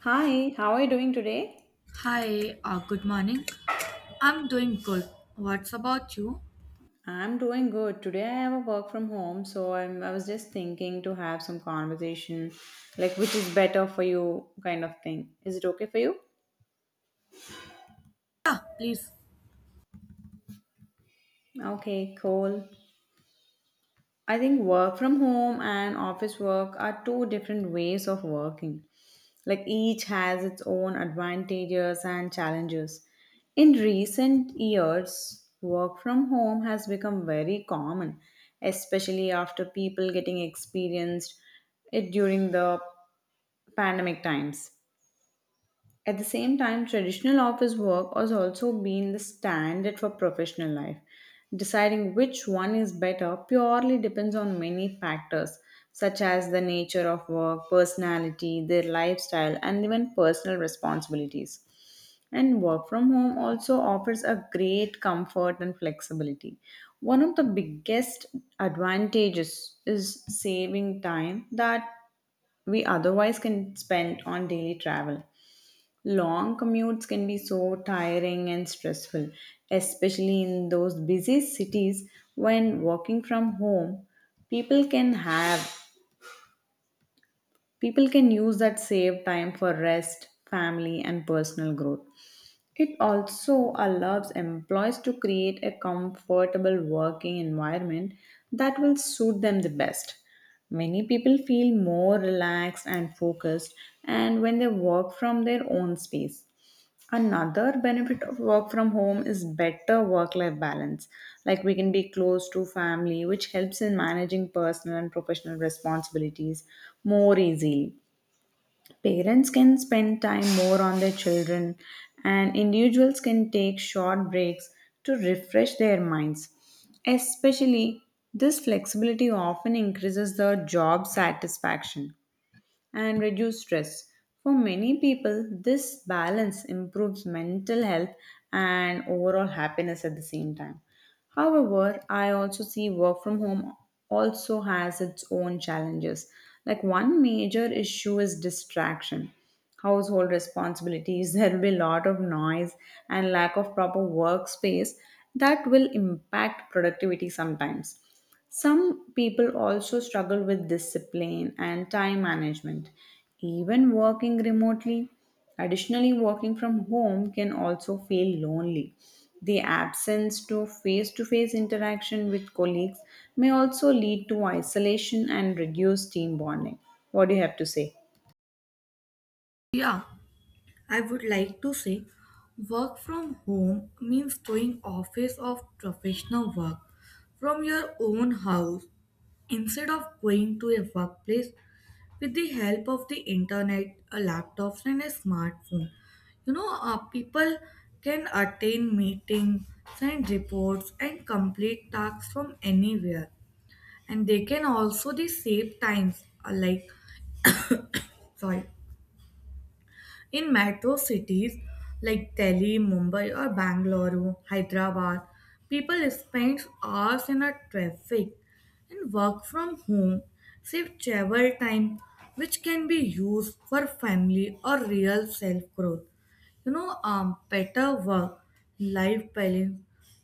Hi, how are you doing today? Hi, good morning. I'm doing good. What's about you? I'm doing good. Today I have a work from home, so I was just thinking to have some conversation like which is better for you kind of thing. Is it okay for you? Yeah, please. Okay, cool. I think work from home and office work are two different ways of working. Like each has its own advantages and challenges. In recent years, work from home has become very common, especially after people getting experienced it during the pandemic times. At the same time, traditional office work has also been the standard for professional life. Deciding which one is better purely depends on many factors, such as the nature of work, personality, their lifestyle, and even personal responsibilities. And work from home also offers a great comfort and flexibility. One of the biggest advantages is saving time that we otherwise can spend on daily travel. Long commutes can be so tiring and stressful, especially in those busy cities when working from home. People can have People can use that saved time for rest, family and personal growth. It also allows employees to create a comfortable working environment that will suit them the best. Many people feel more relaxed and focused and when they work from their own space. Another benefit of work from home is better work life balance. Like we can be close to family, which helps in managing personal and professional responsibilities more easily. Parents can spend time more on their children, and individuals can take short breaks to refresh their minds. Especially, this flexibility often increases the job satisfaction and reduce stress. For many people, this balance improves mental health and overall happiness at the same time. However, I also see work from home also has its own challenges. Like one major issue is distraction household responsibilities there will be a lot of noise and lack of proper workspace that will impact productivity sometimes some people also struggle with discipline and time management, even working remotely. Additionally, working from home can also feel lonely. The absence to face interaction with colleagues may also lead to isolation and reduce team bonding. What do you have to say? Yeah, I would like to say work from home means doing office of professional work from your own house instead of going to a workplace with the help of the internet, a laptop, and a smartphone. People can attend meetings, send reports, and complete tasks from anywhere, and they can also the save times like sorry in metro cities like Delhi, Mumbai, or Bangalore, Hyderabad, people spend hours in a traffic, and work from home, save travel time, which can be used for family or real self growth. Better work life balance.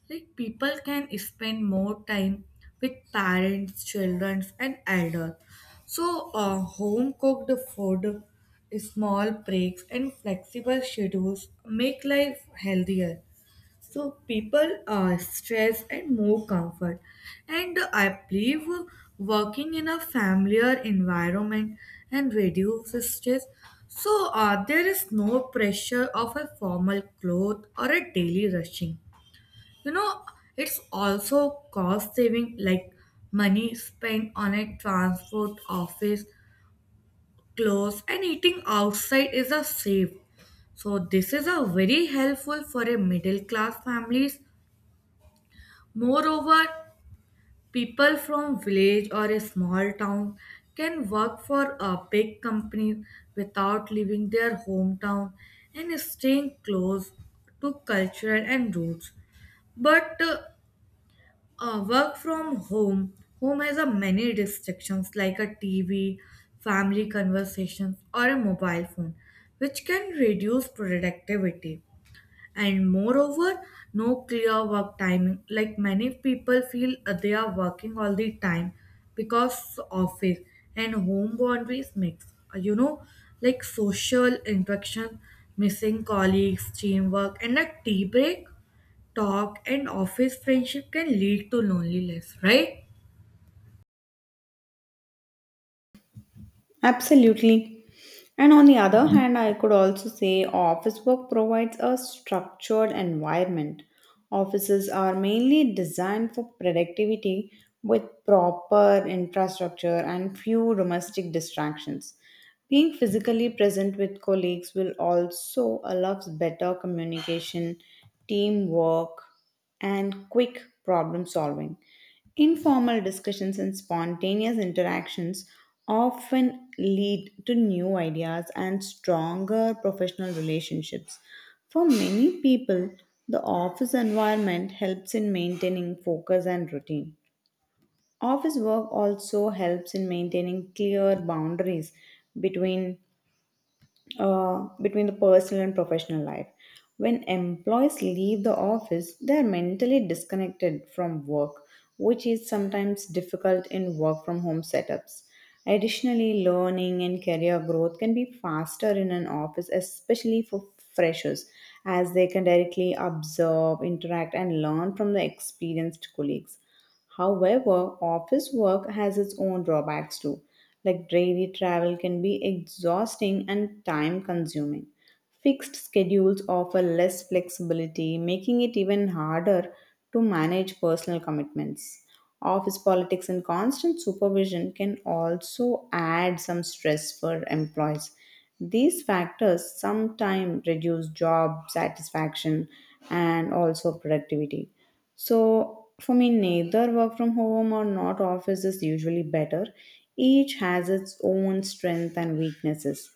Like people can spend more time with parents, children, and elders. So, home cooked food, small breaks, and flexible schedules make life healthier, so people are stressed and more comfort, and I believe working in a familiar environment and reduces stress. So there is no pressure of a formal cloth or a daily rushing, you know. It's also cost saving, like money spent on a transport office, clothes, and eating outside is a safe, so this is a very helpful for a middle class families. Moreover, people from village or a small town can work for a big company without leaving their hometown and staying close to cultural and roots. But work from home, Home has a many distractions like a TV, family conversations, or a mobile phone, which can reduce productivity. And moreover, no clear work timing, like many people feel they are working all the time because office and home boundaries mix. You know, like social interaction missing, colleagues teamwork and a tea break talk and office friendship can lead to loneliness, right? Absolutely. And on the other hand, I could also say office work provides a structured environment. Offices are mainly designed for productivity with proper infrastructure and few domestic distractions. Being physically present with colleagues will also allow better communication, teamwork, and quick problem solving. Informal discussions and spontaneous interactions often lead to new ideas and stronger professional relationships. For many people, the office environment helps in maintaining focus and routine. Office work also helps in maintaining clear boundaries between between the personal and professional life. When employees leave the office, they are mentally disconnected from work, which is sometimes difficult in work from home setups. Additionally, learning and career growth can be faster in an office, especially for freshers, as they can directly observe, interact, and learn from the experienced colleagues. However, office work has its own drawbacks too. Like daily travel can be exhausting and time consuming. Fixed schedules offer less flexibility, making it even harder to manage personal commitments. Office politics and constant supervision can also add some stress for employees. These factors sometimes reduce job satisfaction and also productivity. So, for me, neither work from home or not office is usually better. Each has its own strength and weaknesses.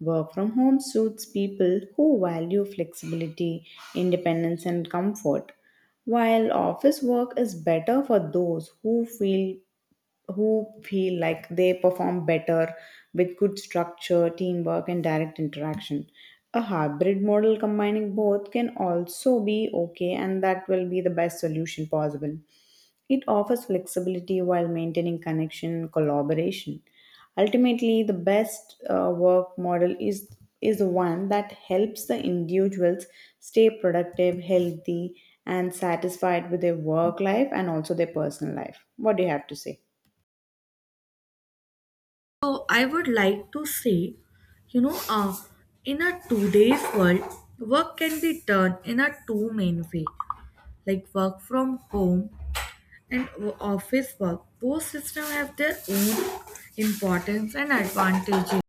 Work from home suits people who value flexibility, independence, and comfort, while office work is better for those who feel like they perform better with good structure, teamwork, and direct interaction. A hybrid model combining both can also be okay, and that will be the best solution possible. It offers flexibility while maintaining connection and collaboration. Ultimately, the best work model is one that helps the individuals stay productive, healthy, and satisfied with their work life and also their personal life. What do you have to say? So I would like to say, you know uh, in a today's world, work can be done in a two main way, like work from home and office work. Both systems have their own importance and advantages,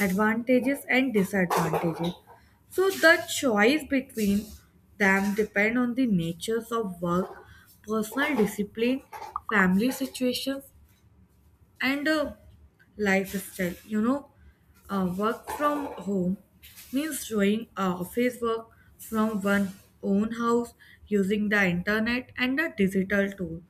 advantages and disadvantages. So the choice between them depend on the natures of work, personal discipline, family situations, and lifestyle. You know, work from home means doing office work from one own house using the internet and the digital tool.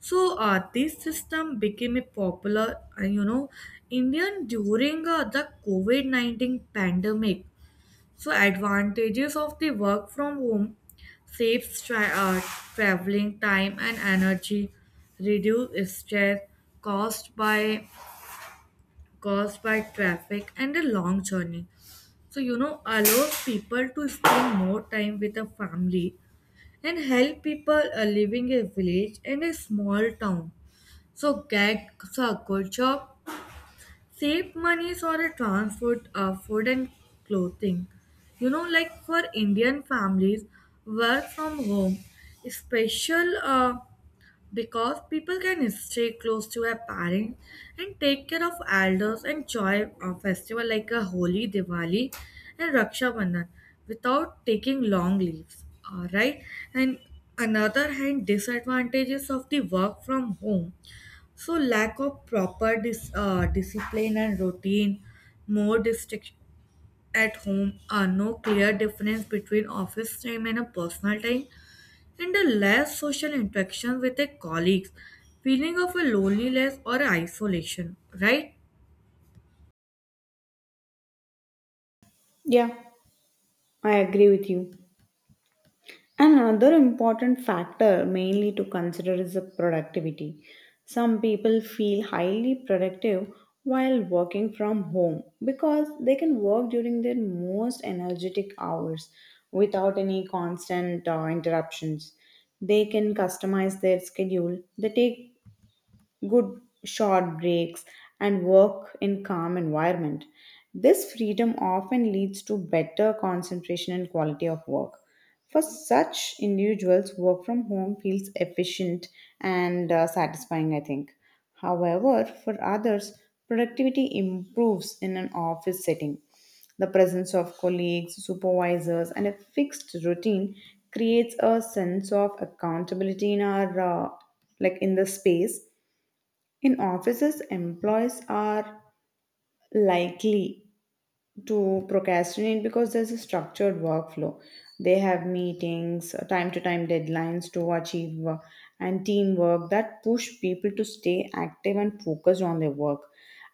So this system became a popular, Indian during the COVID 19 pandemic. So advantages of the work from home saves traveling time and energy, reduce stress caused by caused by traffic and a long journey. So, you know, allows people to spend more time with a family, and help people living a village and a small town. So, get so a good job, save money for a transport, food, and clothing. You know, like for Indian families, work from home, special. Because people can stay close to their parents and take care of elders and enjoy a festival like a Holi, Diwali, and Raksha Bandhan without taking long leaves. All right, and another hand, disadvantages of the work from home. So lack of proper discipline and routine, more distraction at home, are no clear difference between office time and a personal time, and a less social interaction with their colleagues, feeling of a loneliness or isolation, right? Yeah, I agree with you. Another important factor, mainly to consider, is the productivity. Some people feel highly productive while working from home because they can work during their most energetic hours without any constant interruptions. They can customize their schedule, they take good short breaks, and work in calm environment. This freedom often leads to better concentration and quality of work. For such individuals, work from home feels efficient and satisfying, I think. However, for others, productivity improves in an office setting. The presence of colleagues, supervisors, and a fixed routine creates a sense of accountability in our like in the space in offices, employees are likely to procrastinate because there's a structured workflow. They have meetings, time to time deadlines to achieve, and teamwork that push people to stay active and focused on their work.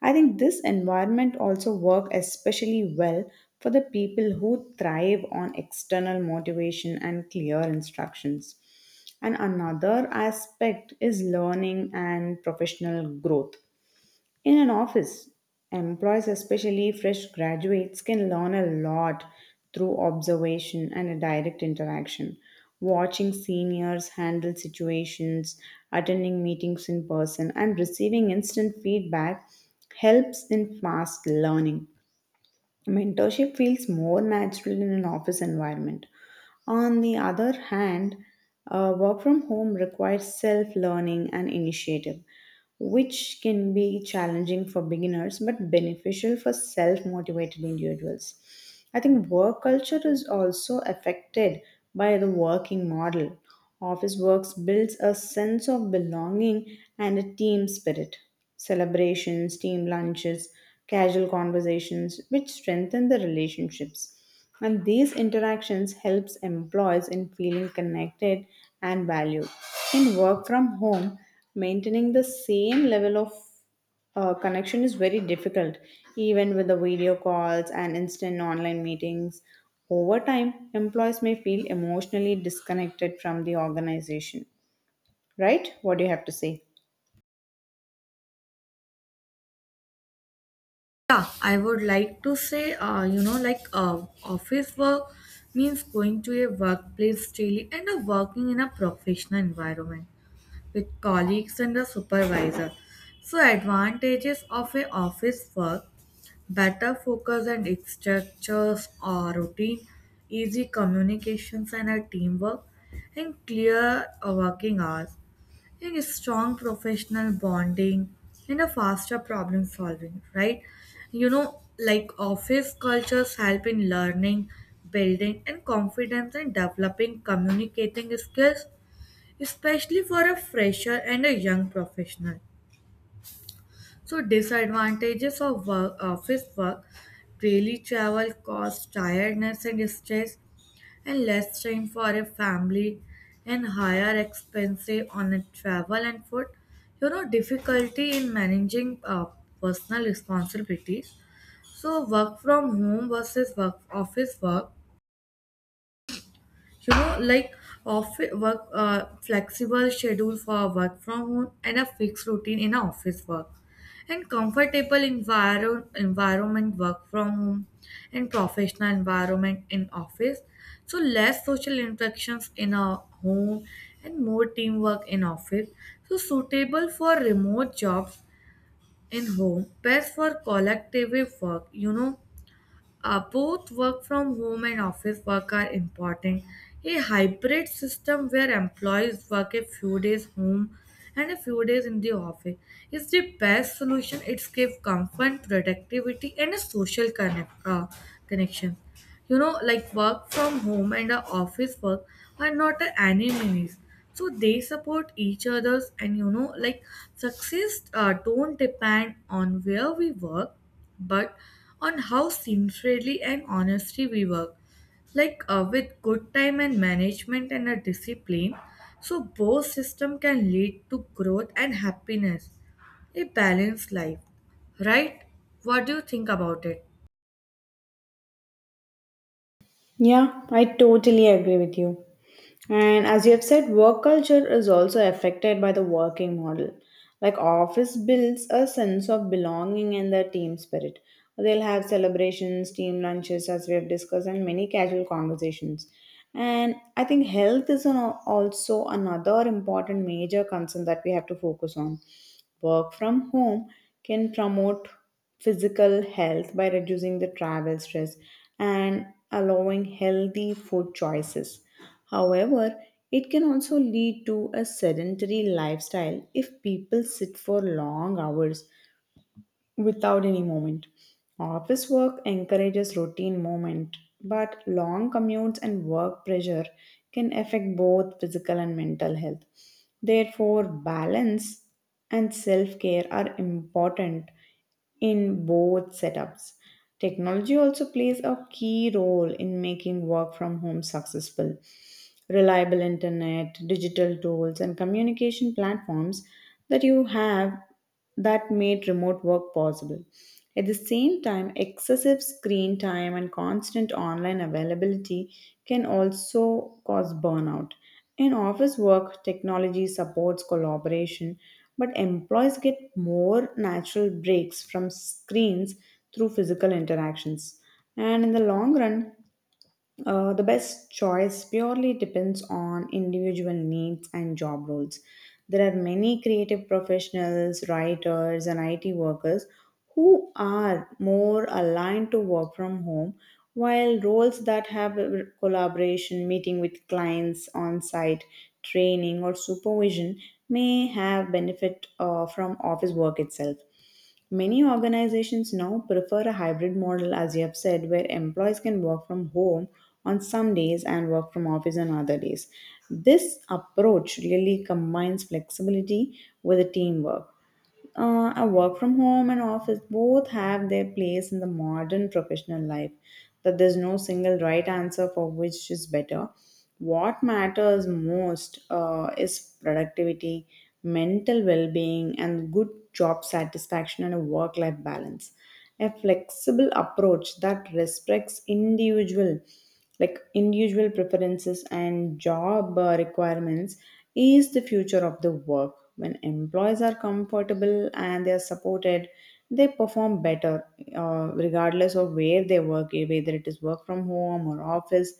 I think this environment also work especially well for the people who thrive on external motivation and clear instructions. And another aspect is learning and professional growth. In an office, employees, especially fresh graduates, can learn a lot through observation and a direct interaction. Watching seniors handle situations, attending meetings in person, and receiving instant feedback helps in fast learning. Mentorship feels more natural in an office environment. On the other hand, work from home requires self learning and initiative, which can be challenging for beginners but beneficial for self motivated individuals. I think work culture is also affected by the working model. Office works builds a sense of belonging and a team spirit. Celebrations, team lunches, casual conversations which strengthen the relationships. And these interactions helps employees in feeling connected and valued. In work from home, maintaining the same level of connection is very difficult, even with the video calls and instant online meetings. Over time, employees may feel emotionally disconnected from the organization. Right? What do you have to say? Yeah, I would like to say, like office work means going to a workplace daily, and working in a professional environment with colleagues and a supervisor. So advantages of a office work, better focus and structures or routine, easy communications and a teamwork, and clear working hours, and a strong professional bonding, and a faster problem solving, right? You know, like office cultures help in learning, building, and confidence and developing communicating skills, especially for a fresher and a young professional. So disadvantages of work, office work, daily travel cause tiredness and stress, and less time for a family, and higher expenses on a travel and food. You know, difficulty in managing personal responsibilities. So work from home versus work office work, you know, like office work flexible schedule for work from home and a fixed routine in a office work, and comfortable environment work from home, and professional environment in office. So less social interactions in a home and more teamwork in office, so suitable for remote jobs, in home best for collective work, you know, both work from home and office work are important. A hybrid system where employees work a few days home and a few days in the office is the best solution. It gives comfort, productivity, and a social connection. You know, like work from home and the office work are not enemies. So they support each other's, and you know, like success don't depend on where we work, but on how sincerely and honestly we work. Like with good time and management and a discipline, so both system can lead to growth and happiness, a balanced life, right? What do you think about it? Yeah, I totally agree with you. And as you have said, work culture is also affected by the working model. Like office builds a sense of belonging and the team spirit. They'll have celebrations, team lunches, as we have discussed, and many casual conversations. And I think health is also another important major concern that we have to focus on. Work from home can promote physical health by reducing the travel stress and allowing healthy food choices. However, it can also lead to a sedentary lifestyle if people sit for long hours without any movement. Office work encourages routine movement, but long commutes and work pressure can affect both physical and mental health. Therefore, balance and self care are important in both setups. Technology also plays a key role in making work from home successful. Reliable internet, digital tools, and communication platforms that you have that made remote work possible. At the same time, excessive screen time and constant online availability can also cause burnout. In office work, technology supports collaboration, but employees get more natural breaks from screens through physical interactions. And in the long run, the best choice purely depends on individual needs and job roles. There are many creative professionals, writers, and IT workers who are more aligned to work from home, while roles that have a collaboration, meeting with clients on site, training, or supervision may have benefit from office work itself. Many organizations now prefer a hybrid model, as you have said, where employees can work from home on some days and work from office on other days. This approach really combines flexibility with the teamwork. A work from home and office both have their place in the modern professional life, but there's no single right answer for which is better. What matters most is productivity, mental well being, and good job satisfaction and a work life balance, a flexible approach that respects individual preferences and job requirements is the future of the work. When employees are comfortable and they are supported they perform better, regardless of where they work, whether it is work from home or office.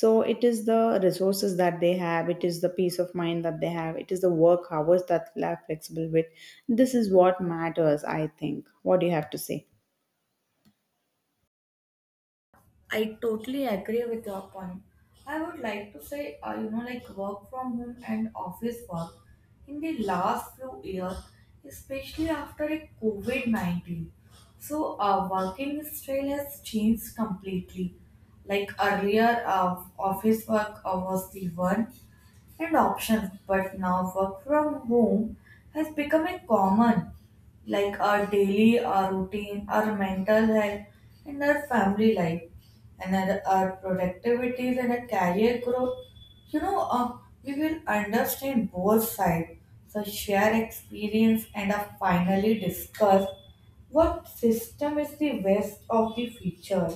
So it is the resources that they have, it is the peace of mind that they have, it is the work hours that they are flexible with. This is what matters, I think. What do you have to say? I totally agree with your point. I would like to say, like work from home and office work in the last few years, especially after a COVID 19. So, working style has changed completely. Like earlier, office work was the one and options, but now work from home has become a common, like our daily, our routine, our mental health, and our family life, and our productivities and our career growth. You know, we will understand both sides, so share experience, and finally discuss what system is the best of the future.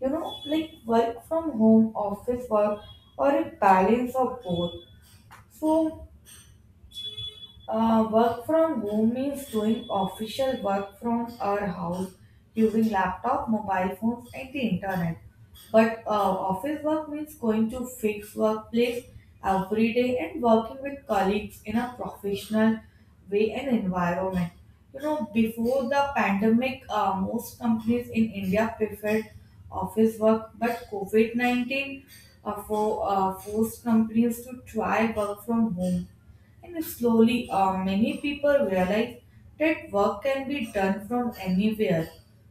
You know, like work from home, office work, or a balance of both. So, work from home means doing official work from our house using laptop, mobile phones, and the internet. But office work means going to fixed workplace every day and working with colleagues in a professional way and environment. You know, before the pandemic, most companies in India preferred office work, but COVID 19 forced companies to try work from home, and slowly, many people realized that work can be done from anywhere.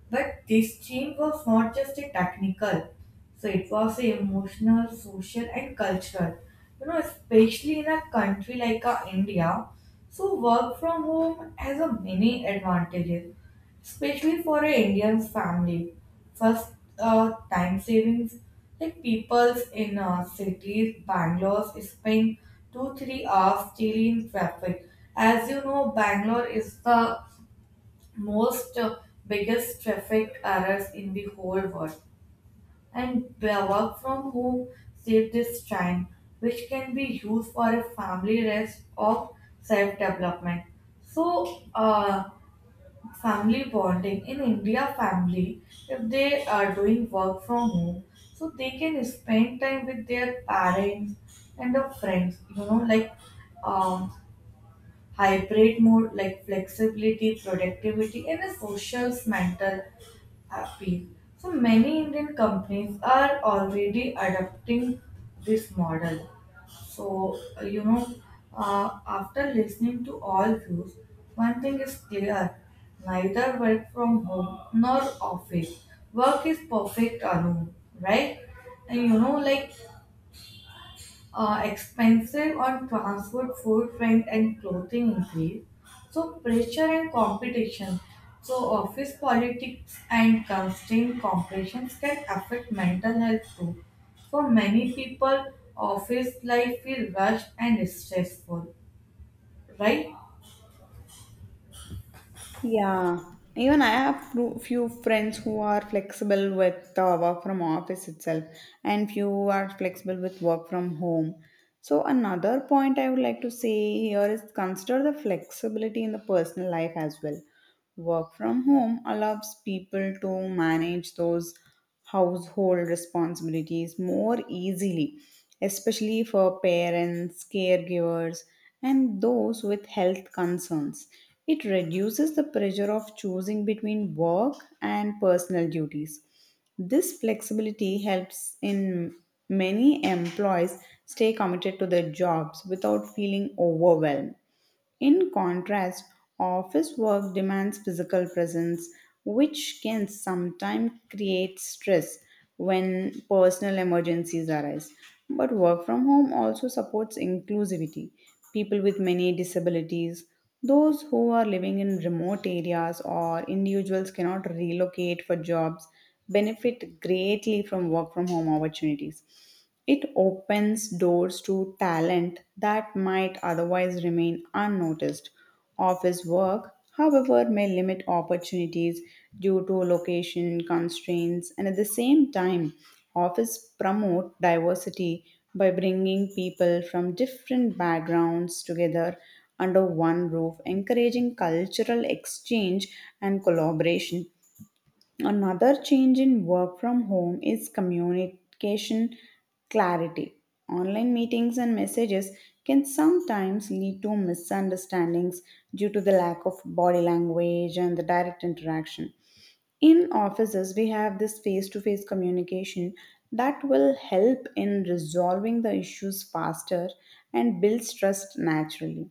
But this change was not just a technical, so it was a emotional, social, and cultural. You know, especially in a country like India, so work from home has a many advantages especially for an Indian family. First, time savings. Like peoples in cities, Bangalore spend 2 3 hours daily in traffic. As you know, Bangalore is the most biggest traffic errors in the whole world, and the work from home saves this time, which can be used for a family rest or self development. So, family bonding in India family, if they are doing work from home, so they can spend time with their parents and their friends, you know, like um hybrid mode, like flexibility, productivity, and a social mental appeal. So many Indian companies are already adopting this model. So, after listening to all views, one thing is clear, neither work from home nor office. Work is perfect alone, right? And you know, like expensive on transport, food, rent, and clothing increase. So pressure and competition. So office politics and constant competitions can affect mental health too. For many people, office life feel rushed and stressful, right? Yeah, even I have few friends who are flexible with work from office itself, and few are flexible with work from home. So another point I would like to say here is consider the flexibility in the personal life as well. Work from home allows people to manage those household responsibilities more easily, especially for parents, caregivers, and those with health concerns. It reduces the pressure of choosing between work and personal duties. This flexibility helps in many employees stay committed to their jobs without feeling overwhelmed. In contrast, office work demands physical presence, which can sometimes create stress when personal emergencies arise. But work from home also supports inclusivity. People with many disabilities, those who are living in remote areas or individuals cannot relocate for jobs benefit greatly from work from home opportunities. It opens doors to talent that might otherwise remain unnoticed. Office work, however, may limit opportunities due to location constraints, and at the same time, office promote diversity by bringing people from different backgrounds together under one roof, encouraging cultural exchange and collaboration. Another change in work from home is communication clarity. Online meetings and messages can sometimes lead to misunderstandings due to the lack of body language and the direct interaction. In offices, we have this face to face communication that will help in resolving the issues faster and builds trust naturally.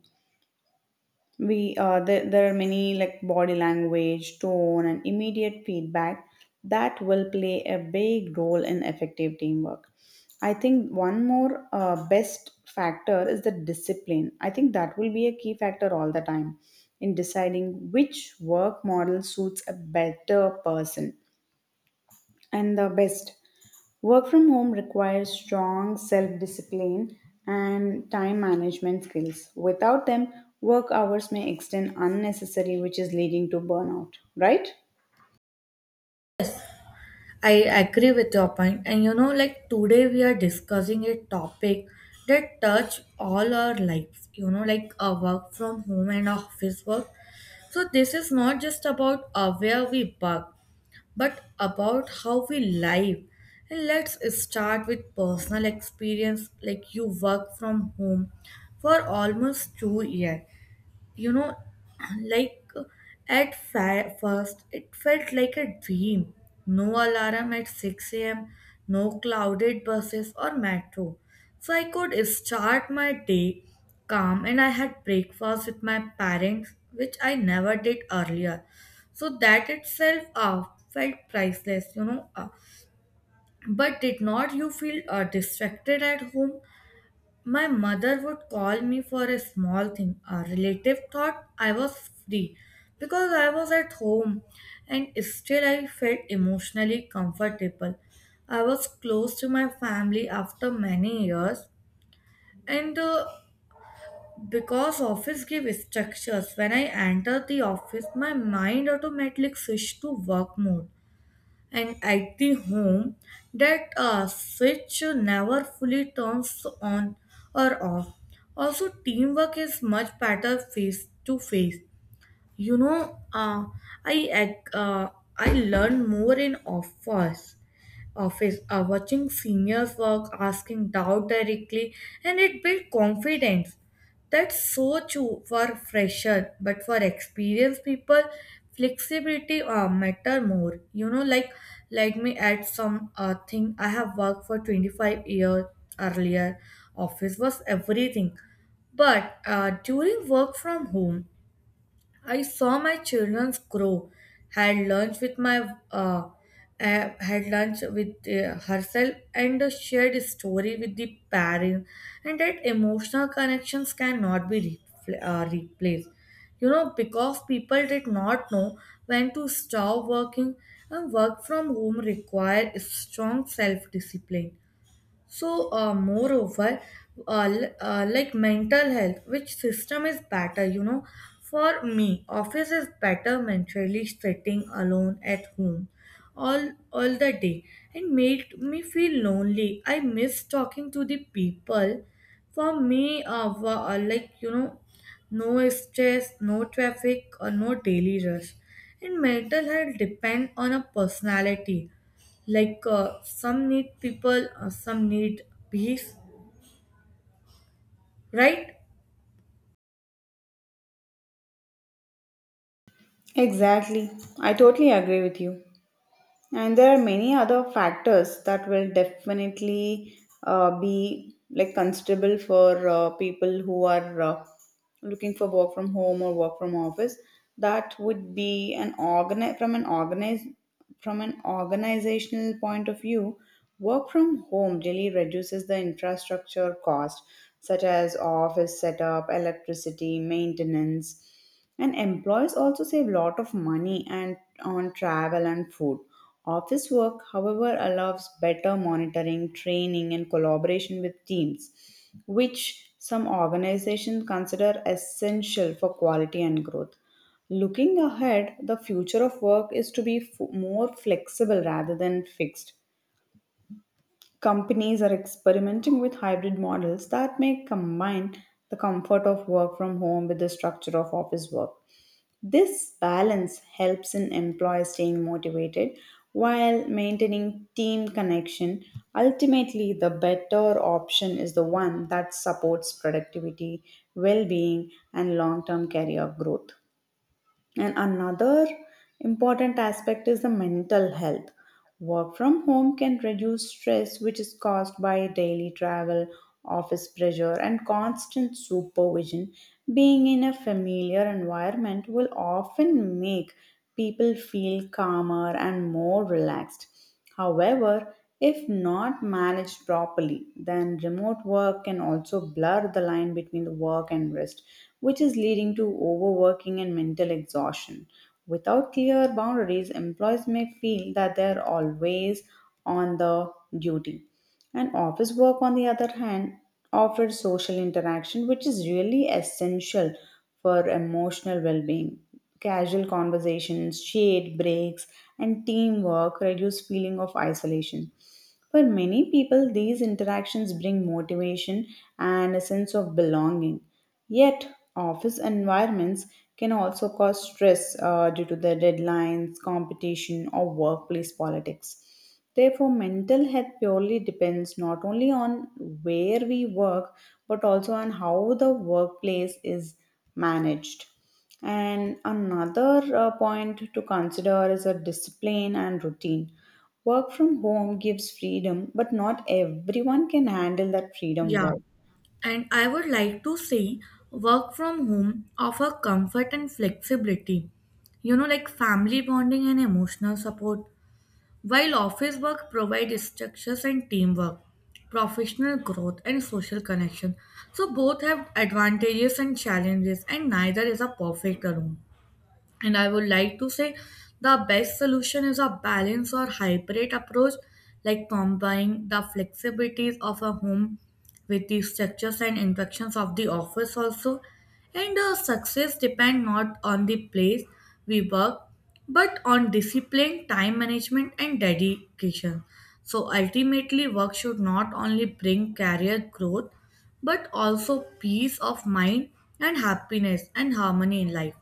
There are many like body language tone and immediate feedback that will play a big role in effective teamwork. I think one more best factor is the discipline. I think that will be a key factor all the time in deciding which work model suits a better person and the best. Work from home requires strong self discipline and time management skills. Without them, work hours may extend unnecessary, which is leading to burnout, right? I agree with your point. And you know, like today we are discussing a topic that touch all our lives, you know, like our work from home and our office work. So this is not just about where we work, but about how we live. And let's start with personal experience. Like you work from home for almost 2 years, you know, like at first it felt like a dream, no alarm at 6 a.m, no clouded buses or metro, so I could start my day calm, and I had breakfast with my parents which I never did earlier, so that itself felt priceless, you know. But did not you feel distracted at home? My mother would call me for a small thing. A relative thought I was free because I was at home, and still I felt emotionally comfortable. I was close to my family after many years, and because office gave structures, when I entered the office, my mind automatically switched to work mode, and at the home that switch never fully turns on or off. Also, teamwork is much better face to face. You know, I ag- uh, I learn more in office, or watching seniors work, asking doubt directly, and it builds confidence. That's so true for fresher, but for experienced people, flexibility matter more, you know. Like let me add some thing, I have worked for 25 years earlier, office was everything, but during work from home, I saw my children grow, had lunch with my uh, had lunch with herself, and shared a story with the parent, and that emotional connections cannot be replaced. You know, because people did not know when to stop working, and work from home require strong self discipline. So, moreover, like mental health, which system is better? You know, for me, office is better mentally. Sitting alone at home all the day and made me feel lonely. I miss talking to the people. For me, like you know, no stress, no traffic, or no daily rush. And mental health depends on a personality, like some need people, some need peace, right? Exactly. I totally agree with you. And there are many other factors that will definitely be like considerable for people who are looking for work from home or work from office. That would be an organi from an organize from an organizational point of view. Work from home really reduces the infrastructure cost, such as office setup, electricity, maintenance, and employees also save a lot of money and on travel and food. Office work, however, allows better monitoring, training, and collaboration with teams, which some organizations consider essential for quality and growth. Looking ahead, the future of work is to be more flexible rather than fixed. Companies are experimenting with hybrid models that may combine the comfort of work from home with the structure of office work. This balance helps an employee staying motivated while maintaining team connection. Ultimately, the better option is the one that supports productivity, well being, and long term career growth. And another important aspect is the mental health. Work from home can reduce stress, which is caused by daily travel, office pressure, and constant supervision. Being in a familiar environment will often make people feel calmer and more relaxed. However, if not managed properly, then remote work can also blur the line between the work and rest, which is leading to overworking and mental exhaustion. Without clear boundaries, employees may feel that they are always on the duty, and office work, on the other hand, offers social interaction, which is really essential for emotional well being. Casual conversations, shade breaks, and teamwork reduce feeling of isolation. For many people, these interactions bring motivation and a sense of belonging. Yet, office environments can also cause stress due to the deadlines, competition, or workplace politics. Therefore, mental health purely depends not only on where we work, but also on how the workplace is managed. And another point to consider is a discipline and routine. Work from home gives freedom, but not everyone can handle that freedom Yeah. well. And I would like to say work from home offer comfort and flexibility. You know, like family bonding and emotional support, while office work provides structures and teamwork, professional growth and social connection. So both have advantages and challenges and neither is a perfect alone. And I would like to say the best solution is a balance or hybrid approach, like combining the flexibilities of a home with the structures and interactions of the office also. And success depend not on the place we work, but on discipline, time management, and dedication. So ultimately, work should not only bring career growth, but also peace of mind and happiness and harmony in life.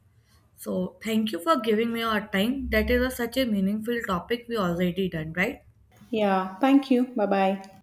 So, thank you for giving me your time. That is a, such a meaningful topic we already done, right? Yeah, thank you. Bye bye.